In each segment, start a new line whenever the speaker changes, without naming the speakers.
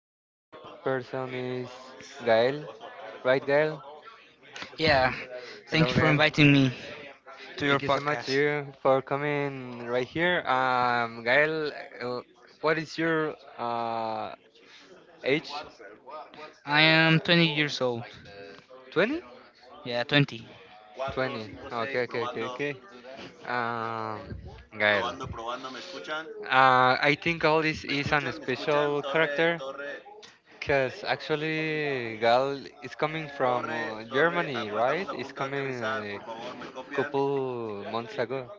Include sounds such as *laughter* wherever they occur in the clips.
invited person is Gael, right, Gael?
Yeah, thank
Hello,
you for
Gael.
inviting me to your
Thank you so much
podcast.
you for coming right here. Gael, uh, what is your age?
I am 20 years old.
20?
Yeah, 20.
20. Okay, okay, okay, okay. Um, Gael. I think all this is an special character. Because actually, Gal is coming from Germany, right? It's coming a couple months ago.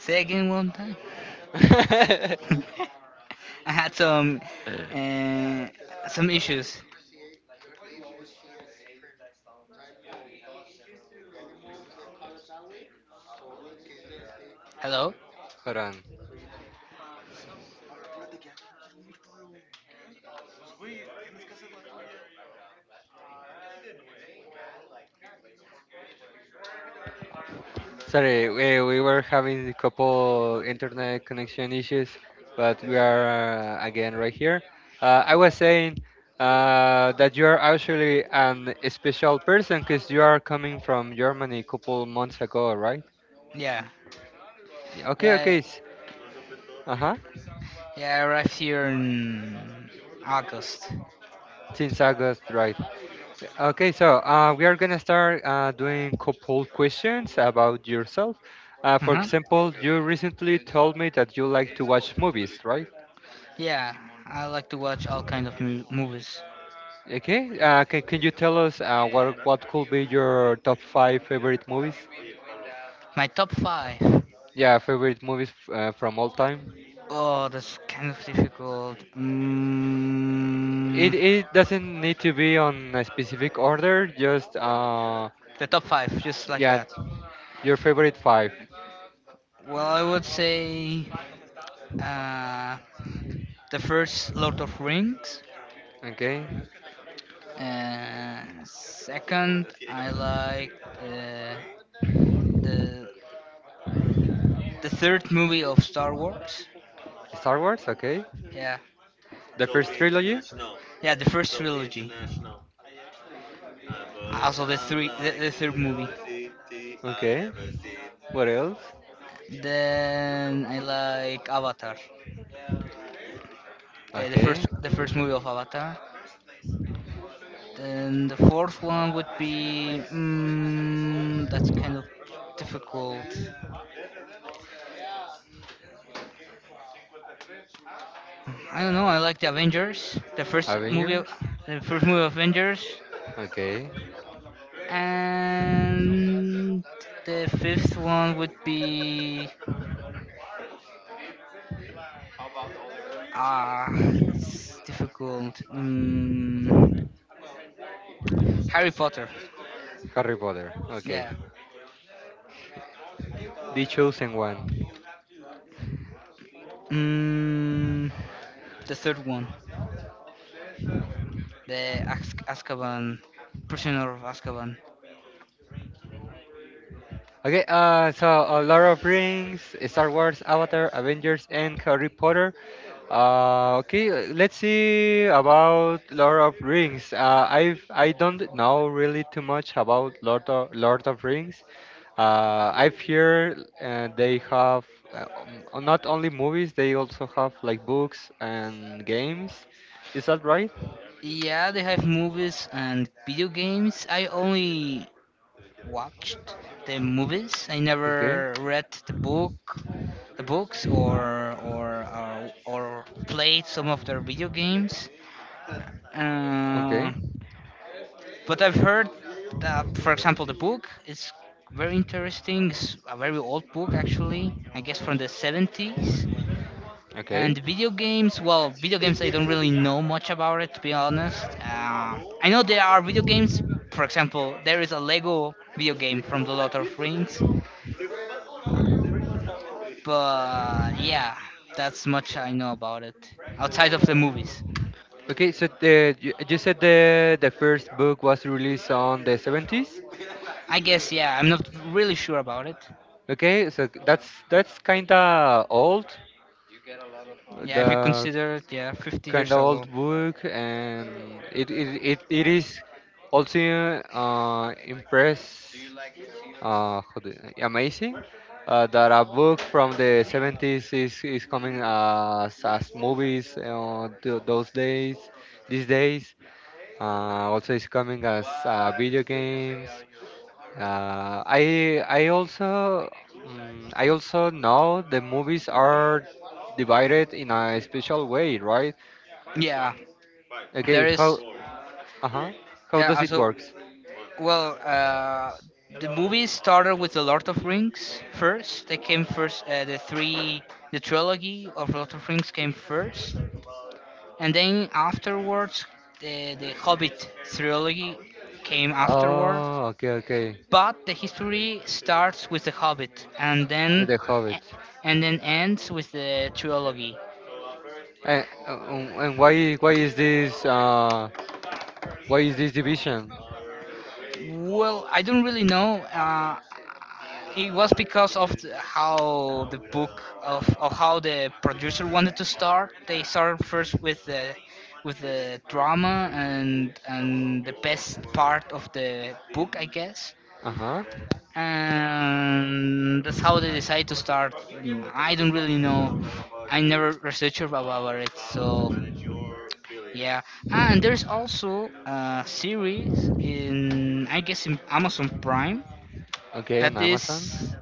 Say again one time.
*laughs*
*laughs* I had uh, some issues. Hello?
Hold on. Sorry, we were having a couple internet connection issues, but we are again right here. I was saying that you are actually an special person because you are coming from Germany a couple months ago, right?
Yeah.
Yeah, okay,
Yeah,
okay. Uh-huh.
yeah, I arrived here in August.
Since August, right? Okay, so we are gonna start doing couple questions about yourself. For
Uh-huh.
example, you recently told me that you like to watch movies, right?
Yeah, I like to watch all kind of movies.
Okay, can you tell us what could be your top five favorite movies?
My top 5.
Yeah, favorite movies from all time.
Oh, that's kind of difficult.
It it doesn't need to be on a specific order. Just
The top five, just like
yeah,
that.
your favorite five.
Well, I would say uh, the first Lord of Rings.
Okay,
Second, I like uh, the third movie of Star Wars.
Star Wars. Okay,
Yeah,
the first trilogy.
yeah, the first trilogy. Also, the third movie.
Okay. What else?
Then I like Avatar,
Okay.
the first movie of Avatar. Then the fourth one would be that's kind of difficult. I don't know. I like the Avengers,
Avengers.
the first movie of Avengers,
Okay.
and the fifth one would be ah, it's difficult. Harry Potter.
Harry Potter. Okay.
Yeah.
The Chosen One.
Mm, the third one, the Azkaban, Prisoner of Azkaban.
Okay, so Lord of Rings, Star Wars, Avatar, Avengers, and Harry Potter. Okay, let's see about Lord of Rings. I don't know really too much about Lord of Rings. I've heard they have uh, not only movies, they also have like books and games. Is that right?
Yeah, they have movies and video games. I only watched the movies. I
Okay,
never read the books, or played some of their video games.
okay,
Uh, but I've heard that, for example, the book is very interesting. It's a very old book, actually. I guess from the 70s.
okay.
And video games, well, video games, I don't really know much about it, to be honest. I know there are video games, for example, there is a Lego video game from The Lord of Rings, but yeah, that's much I know about it, outside of the movies.
Okay, so you said the first book was released on the 70s.
I guess, yeah, I'm not really sure about it.
Okay, so that's kind of old.
Yeah, if you
The
consider it, yeah, 50
kind
years
of
ago.
old book, and it is also impress how do you- amazing that a book from the 70s is coming as movies those days these days. Also, it's coming as video games. Uh, I I also I also know the movies are divided in a special way, right?
Yeah, there
Okay, how
is,
uh-huh, how
yeah,
does it
also.
works?
Well, the movie started with the Lord of Rings first. They came first. The trilogy of Lord of Rings came first, and then afterwards, the Hobbit trilogy came afterward.
Oh, okay, okay,
But the history starts with the Hobbit, and
with the Hobbit.
then ends with the trilogy.
And why is this division?
Well, I don't really know. It was because of the, how the book of how the producer wanted to start. They started first with the drama and the best part of the book, I guess,
Uh-huh.
and that's how they decide to start. I don't really know. I never researched about it, so yeah. Ah, and there's also a series in, I guess, in Amazon Prime
Okay, on
that is
Amazon.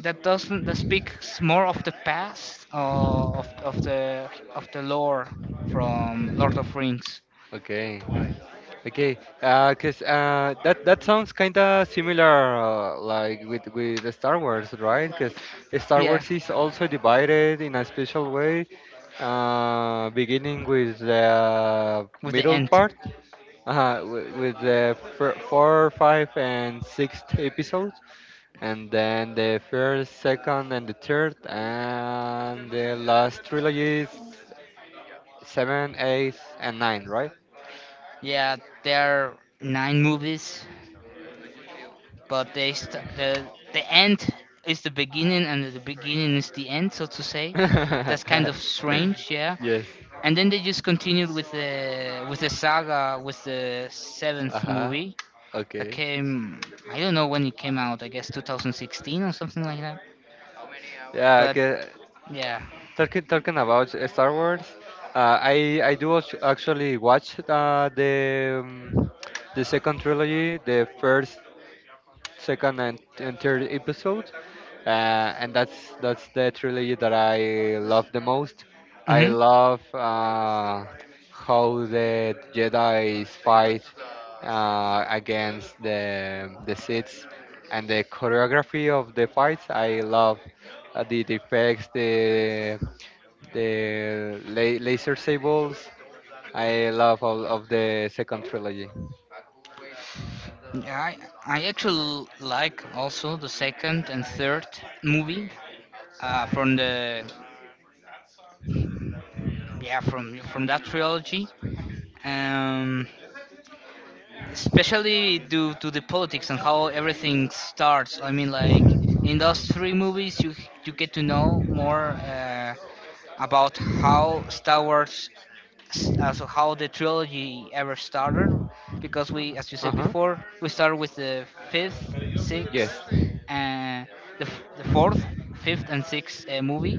that doesn't, that speaks more of the past of the lore from Lord of Rings.
Okay. Okay, 'cause that sounds kind of similar, like with the Star Wars, right? Because Star
Yeah,
Wars is also divided in a special way, beginning with the
with the
middle
end.
part, with the four, five, and sixth episodes, and then the first, second, and the third, and the last trilogy is seven, eight, and nine, right?
Yeah, there are nine movies, but the end is the beginning and the beginning is the end, so to say. That's kind of
*laughs*
strange, yeah,
Yes.
and then they just continued with the saga, with the seventh
Uh-huh.
movie that
Okay.
came, I don't know when it came out, I guess 2016 or something like that,
Yeah,
but
okay.
yeah.
Talking about Star Wars, I do actually watch the second trilogy, the first. Second and third episode, And that's the trilogy that I love the most. I
Hmm.
love how the Jedi's fight against the Sith, and the choreography of the fights. I love the effects, laser sables. I love all of the second trilogy.
Yeah, I actually like also the second and third movie from the yeah from that trilogy, um especially due to the politics and how everything starts. I mean, like, in those three movies, you get to know more about how Star Wars, also how the trilogy ever started, because we, as you
Uh
said
huh.
before, we started with the fifth,
Yes.
sixth, and the fourth, fifth, and sixth movie.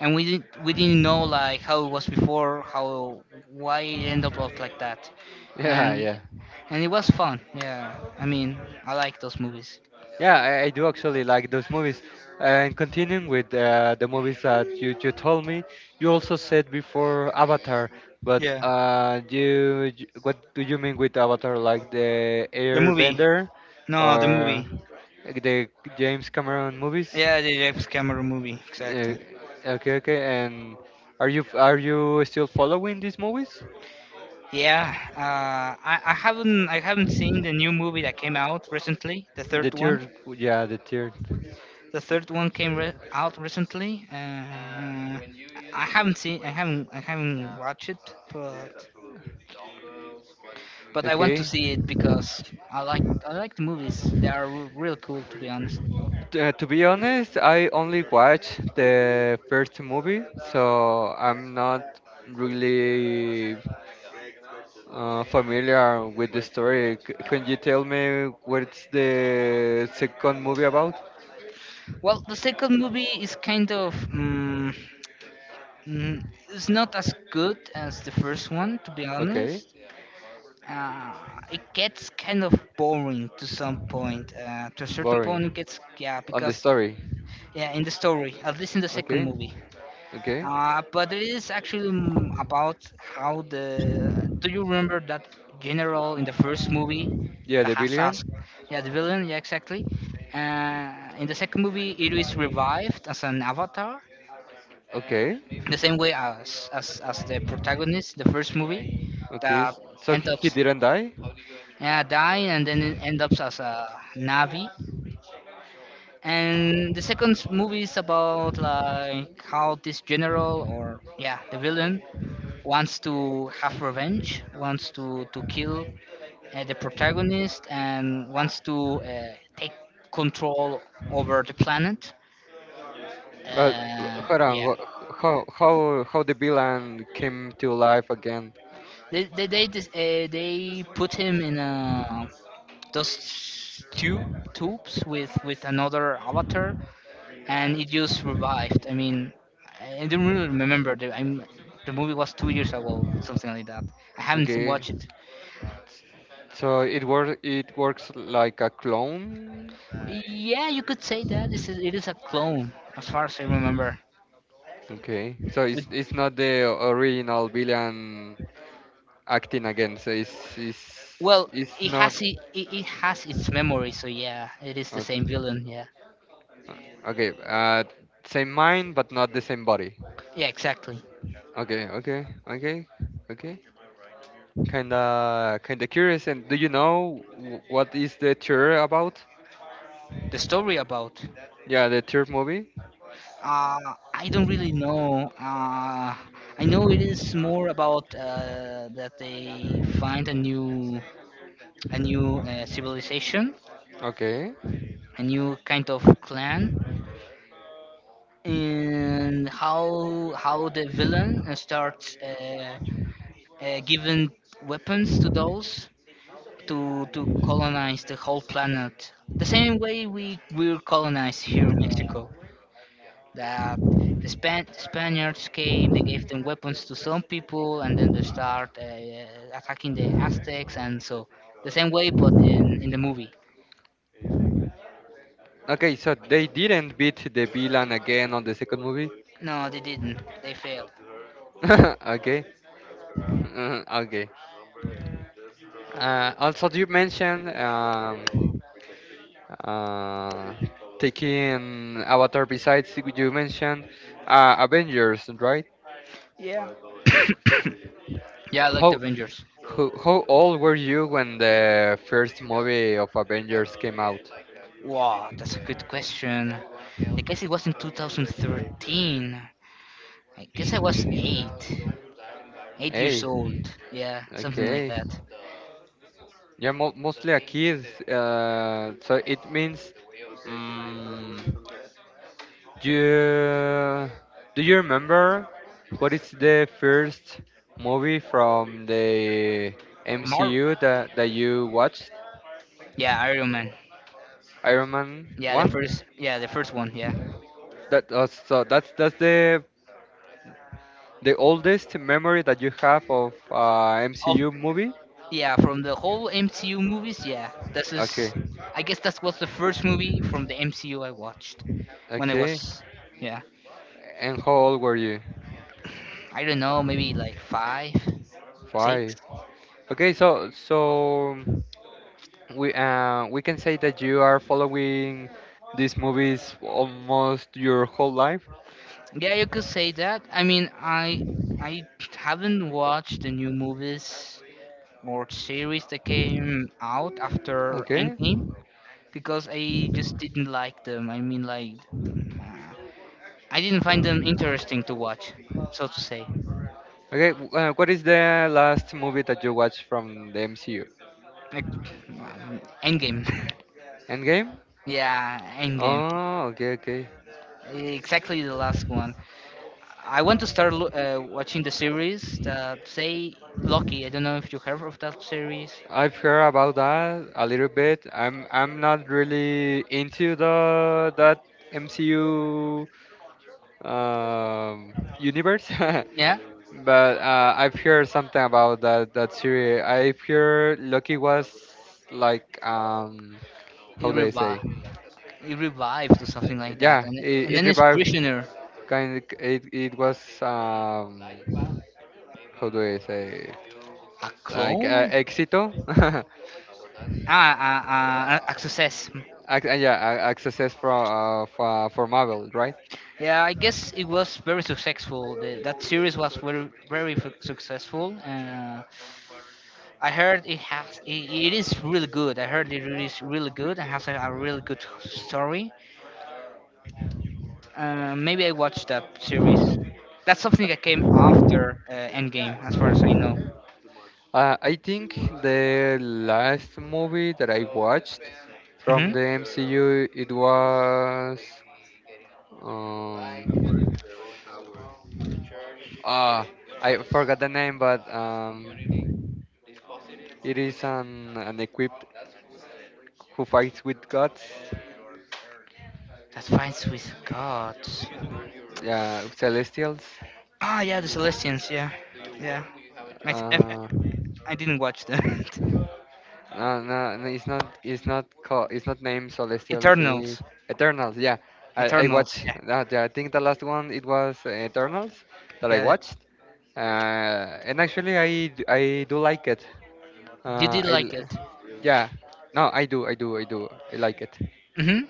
And we didn't know like how it was before, how why it ended up like that
Yeah,
and
yeah,
y- and it was fun. Yeah, I mean, I like those movies.
yeah. I do actually like those movies. And continuing with the movies that you told me, you also said before Avatar, but
Yeah,
you, you what do you mean with Avatar? Like the
the movie.
Airbender
No, the
or
movie.
like the James Cameron movies?
Yeah, the James Cameron movie.
Uh,
Exactly.
okay, okay. And are you still following these movies?
Yeah, I haven't seen the new movie that came out recently, the
The
third one.
third, yeah, the third.
The third one came out recently. I haven't watched it, but I want to
Okay.
see it because I like the movies. They are real cool, to be honest.
To be honest, I only watched the first movie, so I'm not really familiar with the story. Can you tell me what's the second movie about?
Well, the second movie is kind of mm, it's not as good as the first one, to be
Okay,
honest. Uh, it gets kind of boring to some point. To a certain point, it
boring.
gets, yeah,
On the
because
story.
yeah, in the story, at least in the second
Okay,
movie.
okay.
But it is actually mm, about how the. Do you remember that general in the first movie
Yeah,
that
the
has us?
billion.
Yeah, the villain. Yeah, exactly. Uh, in the second movie, it is revived as an avatar
Okay.
the same way as the protagonist the first movie
Okay,
that
so
end
he
up,
he didn't die?
yeah, dying, and then it end up as a navi, and the second movie is about like how this general, or yeah, the villain, wants to have revenge, wants to kill the protagonist, and wants to take control over the planet,
Well, hold on.
yeah.
How how how the villain came to life again?
They they put him in a those two tubes with another avatar, and it just revived. I mean, I don't really remember. The movie was 2 years ago, something like that. I haven't
Okay,
watched it.
so it works. It works like a clone.
Yeah, you could say that. This is it is a clone, as far as I remember.
Okay, so
With,
it's not the original villain acting again. So it's it's
well,
it's
it
not.
has it, it has its memory, so yeah, it is the same
Okay,
villain. Yeah,
okay. Same mind but not the same body.
yeah, exactly.
Okay, okay, okay, okay. Kinda, curious. And do you know what is the tour about?
The story about.
Yeah, the tour movie.
Uh, I don't really know. I know it is more about that they find a new civilization,
Okay.
a new kind of clan, and how the villain starts giving weapons to those to colonize the whole planet. The same way we were colonized here in Mexico, that the Spaniards came, they gave them weapons to some people, and then they start attacking the Aztecs, and so the same way, but in the movie.
Okay, so they didn't beat the villain again on the second movie.
No, they didn't. They failed.
*laughs* Okay. Okay. Also, you mentioned uh, taking Avatar. Besides, you mentioned Avengers, right?
*coughs* Yeah, like the
How,
Avengers.
how old were you when the first movie of Avengers came out?
Wow, that's a good question. I guess it was in 2013. I guess I was 8 years
Hey,
old. Yeah, something like
okay.
that.
Yeah, mo the mostly a kid, that so it means, mm you do you remember what is the first movie from the
Mar.
MCU that you watched?
Yeah, Iron Man.
Iron Man
Yeah, the
one.
first. Yeah, the first one. Yeah.
That so that's the oldest memory that you have of
Of.
MCU movie.
Yeah, from the whole MCU movies, yeah. This
Okay,
is, I guess, that was the first movie from the MCU I watched when I
okay.
was, yeah.
And how old were you?
I don't know, maybe like five, six.
Five. Okay, we can say that you are following these movies almost your whole life.
Yeah, you could say that. I mean, I haven't watched the new movies or series that came out after
Okay.
Endgame because I just didn't like them. I mean, like, nah, I didn't find them interesting to watch, so to say.
Okay. What is the last movie that you watched from the MCU?
Like, Endgame. *laughs*
Endgame.
Yeah, Endgame.
Oh, okay, okay.
Exactly the last one. I want to start watching the series that say Loki. I don't know if you heard of that series.
I've heard about that a little bit. I'm not really into the that MCU um, universe, *laughs*
Yeah,
But I've heard something about that series. I've heard Loki was like
he
how do I say?
revives, he revives or something like that,
Yeah,
and
it
then he's
revived
prisoner,
kind of, it was how do I say?
a
Like
clone,
éxito. *laughs*
a success.
Yeah, a success for for Marvel, right?
Yeah, I guess it was very successful. That series was very successful. I heard it is really good. I heard it is really good and has a really good story. Maybe I watched that series. That's something that came after Endgame, as far as I know.
I think the last movie that I watched
Hmm.
from the MCU it was um, ah I forgot the name, but it is an equipped who fights with gods.
That fights with gods.
Yeah, celestials.
Ah, yeah, the Celestians. Yeah, yeah. I s- I-
Uh,
I didn't watch that.
No, no, no, it's not. It's not called. It's not named
*laughs*
Celestials. It's
Eternals.
Eternals. Yeah, I
Eternals.
watched
Yeah,
that. Yeah, I think the last one it was Eternals that I
yeah.
watched. And actually, I do like it.
You
Uh,
did
I
like
l-
it.
yeah. No, I do. I do. I do. I like it.
Hmm.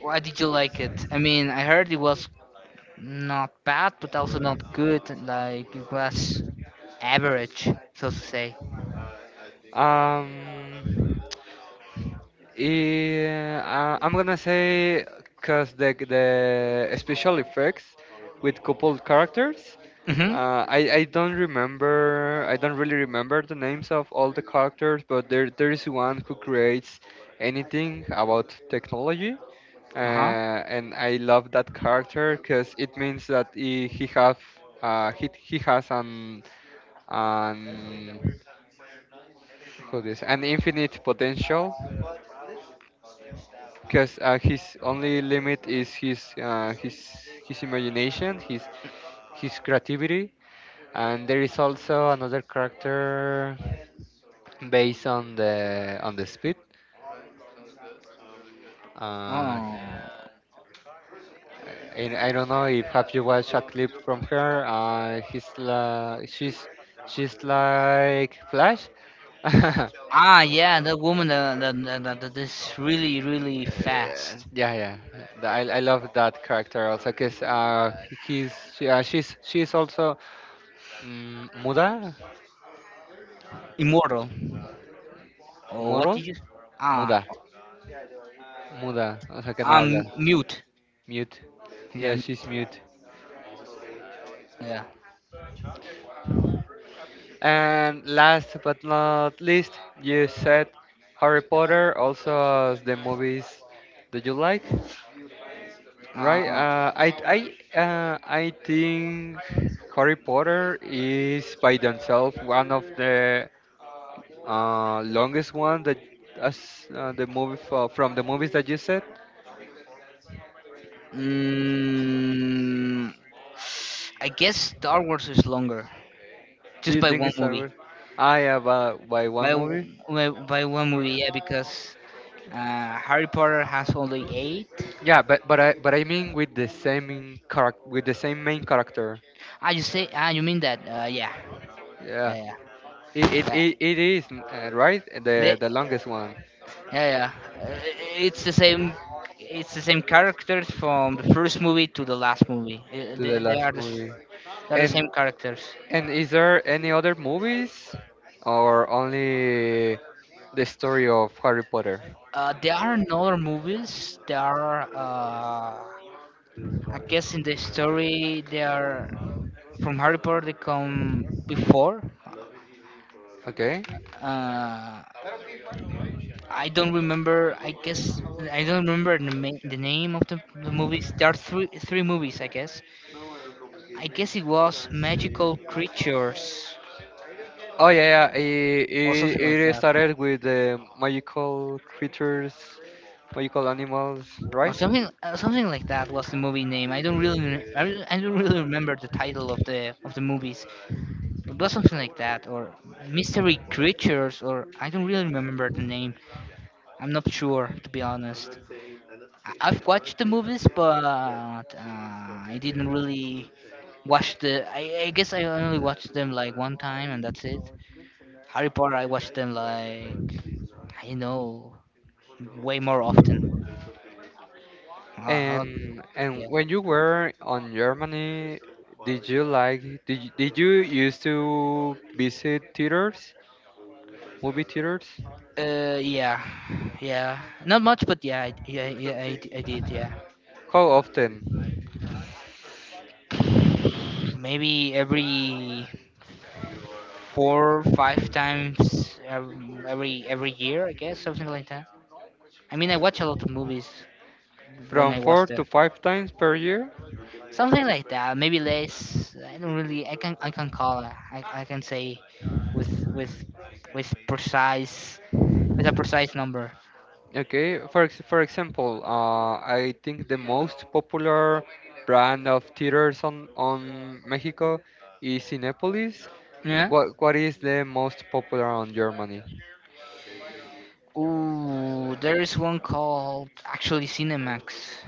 Why did you like it? I mean, I heard it was not bad, but also not good. Like, it was average, so to say.
Um. Eh, I'm gonna say because the special effects with coupled characters.
Hmm.
I don't remember. I don't really remember the names of all the characters, but there is one who creates anything about technology.
Uh huh.
And I love that character because it means that he has an how this an infinite potential because his only limit is his imagination, his creativity, and there is also another character based on the speed. Uh,
Oh.
and I don't know if have you watched a clip from her. He's like she's like Flash. *laughs*
Ah, yeah, the woman that that is really
Yeah,
fast,
yeah, yeah. I love that character also because she's also muda,
immortal. Oh, what
moral,
did you? Ah,
muda, muda. O sea que no habla,
I'm mute.
mute.
Yeah,
Yeah,
mute.
she's mute.
Yeah.
And last but not least, you said Harry Potter also as the movies that you like.
Uh,
Right. I think Harry Potter is by themselves one of the longest one that as the movie from the movies that you said.
mm, I guess Star Wars is longer,
Do
just
you
by
think
one
it's Star
movie.
Wars? Ah, yeah, by
By
one
w-
movie.
by one movie, yeah, because Harry Potter has only eight.
Yeah, but I mean with the same character with the same main character.
Ah, you say? Ah, you mean that? Yeah,
Yeah,
yeah,
it
yeah.
it
Yeah.
it, it is right the
They,
the longest one
yeah, yeah. Uh, it's the same. It's the same characters from the first movie to the last movie.
to the
They
last
are
movie,
they are the
and
same characters.
And is there any other movies or only the story of Harry Potter?
There are in other movies. There are. I guess in the story they are from Harry Potter. They come before.
Okay.
Uh, I don't remember. I guess I don't remember the, the name of the movies. There are three movies, I guess. I guess it was Magical Creatures
Oh yeah, yeah. It,
or something
it,
like
it
that,
started with the magical creatures, magical animals,
or
right?
something like that was the movie name. I don't really I don't really remember the title of the movies, but it was something like that, or mystery creatures, or I don't really remember the name. I'm not sure, to be honest. I- I've watched the movies, but I didn't really watch the. I guess I only watched them like one time, and that's it. Harry Potter, I watched them like, I don't know, way more often. A lot,
And
yeah.
when you were on Germany, did you like did you used to visit theaters, movie theaters?
Yeah, yeah, not much, but yeah, yeah, yeah, I did, yeah.
How often?
Maybe every 4, 5 times, every year, I guess, something like that. I mean, I watch a lot of movies when
From
I was
four to
there,
five times per year?
something like that. Maybe less. I don't really. I can call it. I can say with with with precise with a precise number.
Okay, for example, I think the most popular brand of theaters on Mexico is Cinépolis.
Yeah.
What is the most popular on Germany?
Ooh, there is one called actually Cinemax.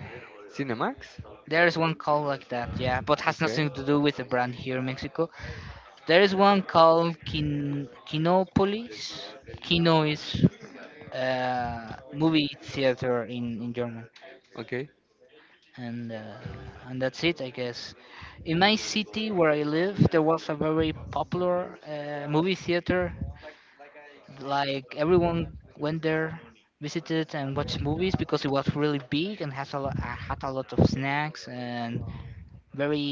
Cinemax?
There is one called like that, yeah, but has
Okay,
nothing to do with the brand here in Mexico. There is one called Kinopolis. Kino is, movie theater in German,
okay,
and uh, and that's it, I guess. In my city where I live, there was a very popular movie theater. Like everyone went there, visited and watched movies because it was really big and has had a lot of snacks and very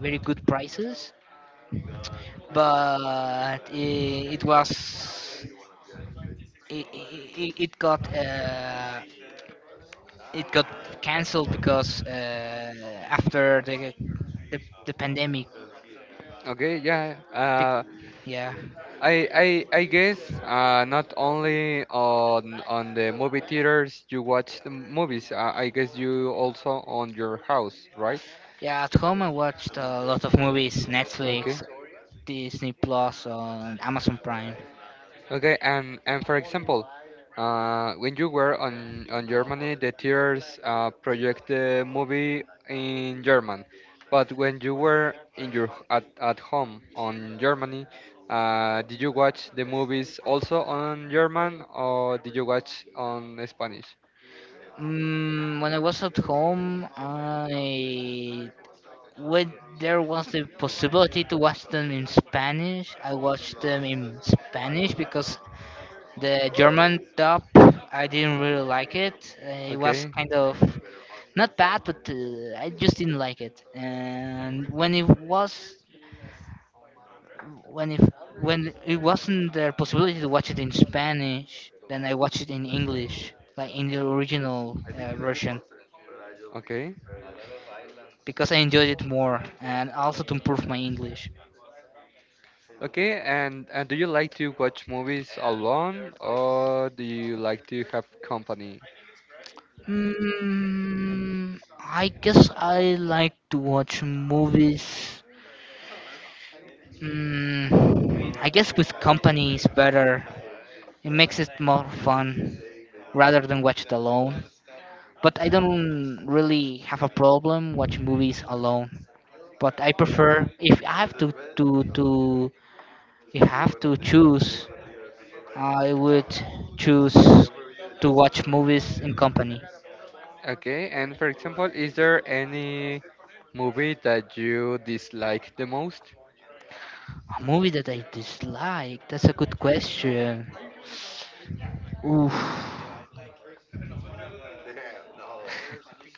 very good prices, but it was it, it, it got cancelled because after the the pandemic.
okay. Yeah.
Bec- Yeah,
I I I guess not only on the movie theaters you watch the movies. I guess you also on your house, right?
yeah. At home, I watched a lot of movies:
Okay.
Netflix, Disney Plus, on Amazon Prime.
Okay, and for example, when you were on Germany, the tears project the movie in German, but when you were in your at home on Germany, did you watch the movies also on German or did you watch on Spanish?
When I was at home, I when there was the possibility to watch them in Spanish, I watched them in Spanish because the German dub I didn't really like it. It was
Okay,
kind of not bad, but I just didn't like it. And when it was when if when it wasn't the possibility to watch it in Spanish, then I watched it in English, like in the original version,
okay,
because I enjoyed it more and also to improve my English.
okay. And do you like to watch movies alone or do you like to have company?
I guess I like to watch movies. I guess with company is better. It makes it more fun rather than watch it alone. But I don't really have a problem watching movies alone. But I prefer if I have to if I have to choose, I would choose to watch movies in company.
Okay, and for example, is there any movie that you dislike the most?
A movie that I dislike? That's a good question. Oof.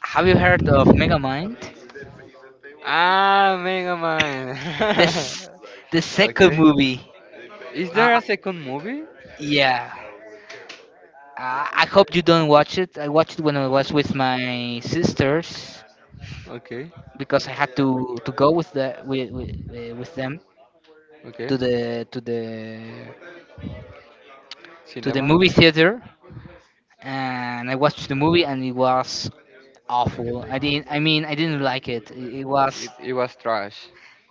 Have you heard of Megamind?
Ah, Mega Man.
This
*laughs*
The second
Okay.
movie.
Is
Uh,
there
uh,
a second movie?
yeah. I hope you don't watch it. I watched it when I was with my sisters
Okay.
because I had to go with them to
Okay.
the to the to the
Cinema.
movie theater, and I watched the movie and it was awful. I didn't. I mean, I didn't like it. It was.
It was trash.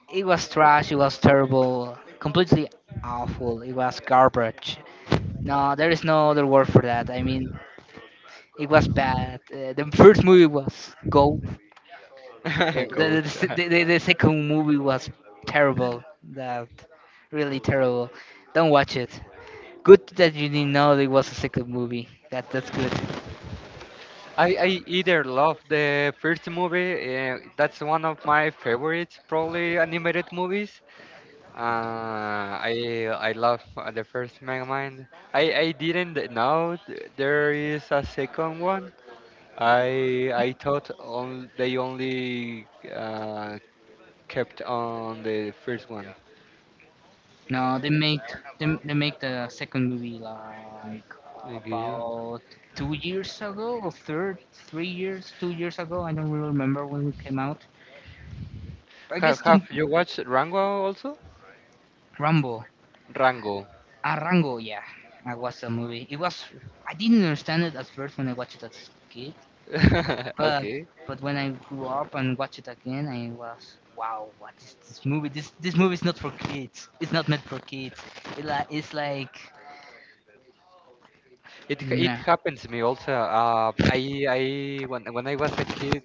It was trash. It was terrible. Completely awful. It was garbage. No, there is no other word for that. I mean, it was bad. The first movie was go.
*laughs*
The,
Goat.
s-
*laughs*
the second movie was terrible. That Really terrible. Don't watch it. Good that you didn't know there was a second movie. That's good.
I either love the first movie, that's one of my favorites, probably animated movies. I love the first Mega. I didn't know there is a second one. I thought on, they only kept on the first one.
No, they make the second movie like,
Okay.
about 2 years ago, or third, 3 years, 2 years ago. I don't really remember when it came out. I guess to
Have you watched Rango also?
Rambo,
Rango.
Rango, yeah, I watched the movie. It was, I didn't understand it at first when I watched it as a kid,
*laughs*
but
Okay.
when I grew up and watched it again, I was wow, what is this movie? This movie is not for kids. It's not meant for kids. It's like
It
nah.
happens to me also. I When I was a kid,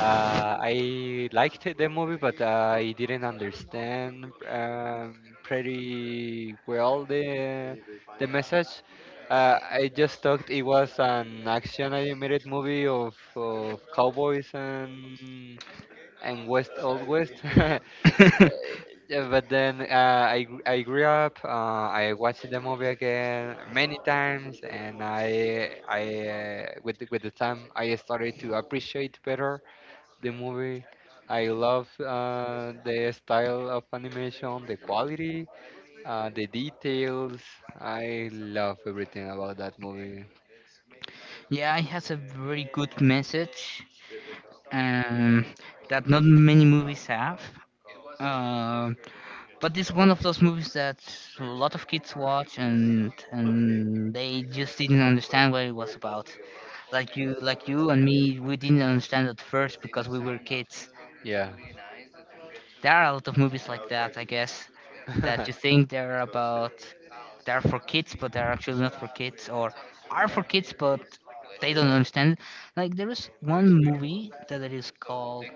I liked it, the movie, but I didn't understand pretty well the message. I just thought it was an action animated movie of cowboys and west old west. *laughs*
*laughs*
Yeah, but then I grew up. I watched the movie again many times, and with the time I started to appreciate better the movie. I love the style of animation, the quality, the details. I love everything about that movie.
Yeah, it has a very good message, um, that not many movies have. Um but it's one of those movies that a lot of kids watch, and they just didn't understand what it was about. Like you and me, we didn't understand at first because we were kids.
Yeah.
There are a lot of movies like that, I guess, that you
*laughs*
think they're for kids but they're actually not for kids, or are for kids but they don't understand it. Like there is one movie that it is called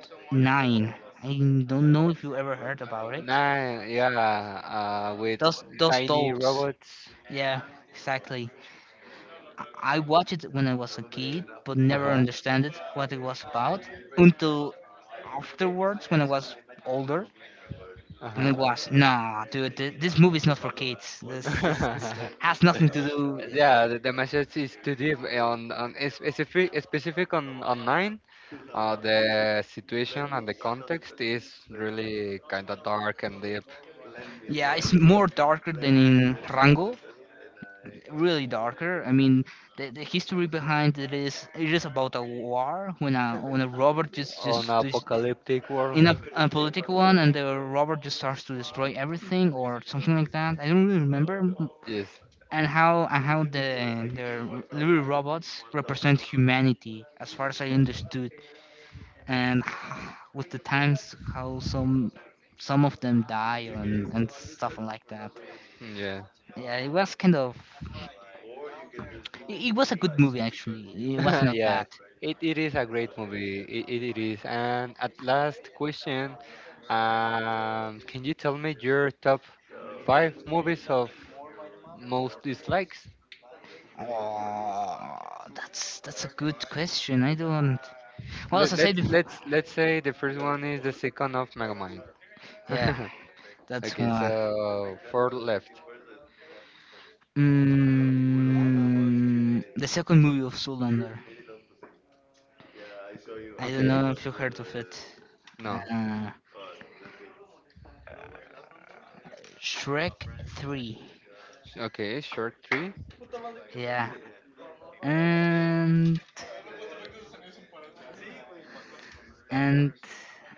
Nine. I don't know if you ever heard about it.
Nah, yeah, with
Those
tiny
dolls,
robots.
yeah, exactly. I watched it when I was a kid, but never
Uh-huh.
understood it, what it was about, until afterwards when I was older. And
Uh-huh.
it was nah, dude. This movie's not for kids. This
*laughs*
has nothing to do.
Yeah, the message is too deep on is specific on online. The situation and the context is really kind of dark and deep
Yeah, it's more darker than in Rango. Really darker. I mean, the history behind it is about a war when a robot just
on
just, just
apocalyptic world.
in a,
*laughs*
a political one, and the robot just starts to destroy everything or something like that. I don't really remember.
Yes.
And how the little robots represent humanity, as far as I understood, and *sighs* with the times how some of them die, and stuff like that.
Mm, yeah.
Yeah, it was kind of, it was a good movie actually, it was
*laughs*
not
Yeah,
bad.
it is a great movie. It is. And at last question, can you tell me your top five movies of most dislikes?
Oh, that's a good question. I don't. Well, as I said before.
Let's say the first one is the second of Megamind.
Yeah,
*laughs*
that's
Okay,
one.
so four left.
The second movie of Zoolander. I don't
Okay,
know if you heard of it.
no.
uh, Shrek 3.
Okay, short three.
Yeah. and and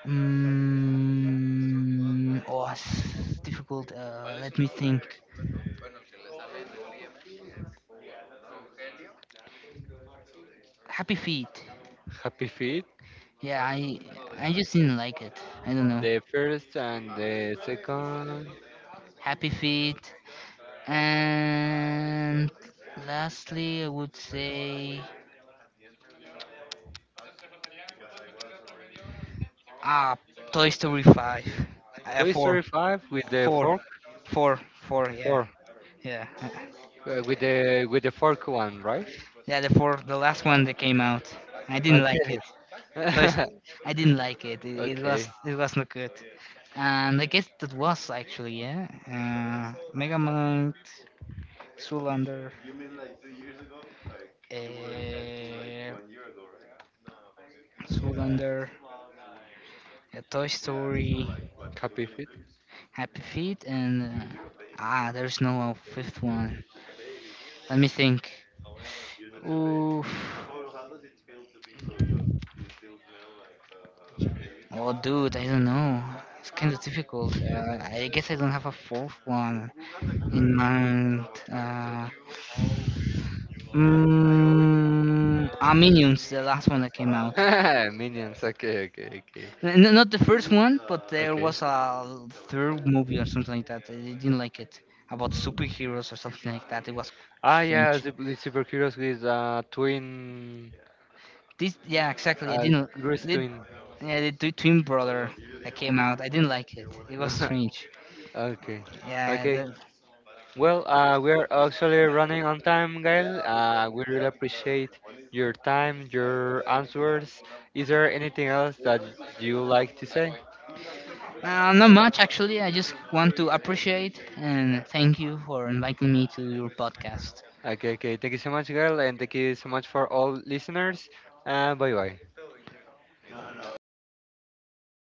mm Oh, it's difficult. Let me think. Happy Feet.
Happy Feet,
Yeah, I just didn't like it. I don't know.
the first and the second.
Happy Feet. And lastly, I would say, ah Toy Story 5.
Toy
Four,
Story 5 with the
four,
fork.
four, four. Yeah,
Four.
yeah.
With the fork one, right?
Yeah. The four, the last one that came out. I didn't
Okay.
like it. So it's-
*laughs*
I didn't like it. It was
Okay.
it was not good. And I guess that was actually, yeah. Megamind, Zoolander, uh, Zoolander, Toy Story,
Copy fit.
Happy Feet, and there's no fifth one. Let me think. Oof. Oh, dude, I don't know. It's kind of difficult. I guess I don't have a fourth one. And uh, Minions, the last one that came out.
*laughs* Minions. Okay. Okay. Okay.
Not the first one, but there
Okay.
was a third movie or something like that. I didn't like it, about superheroes or something like that. It was
Ah, yeah.
strange.
Super Heroes with twin,
This, yeah, exactly. I
uh,
didn't.
Grease
Did,
twin.
yeah, the twin brother that came out. I didn't like it. It was strange.
*laughs* Okay.
Yeah,
Okay. Well, we're actually running on time, Gail. We really appreciate your time, your answers. Is there anything else that you like to say?
not much actually. I just want to appreciate and thank you for inviting me to your podcast.
Okay, okay. Thank you so much, girl, and thank you so much for all listeners. Bye bye.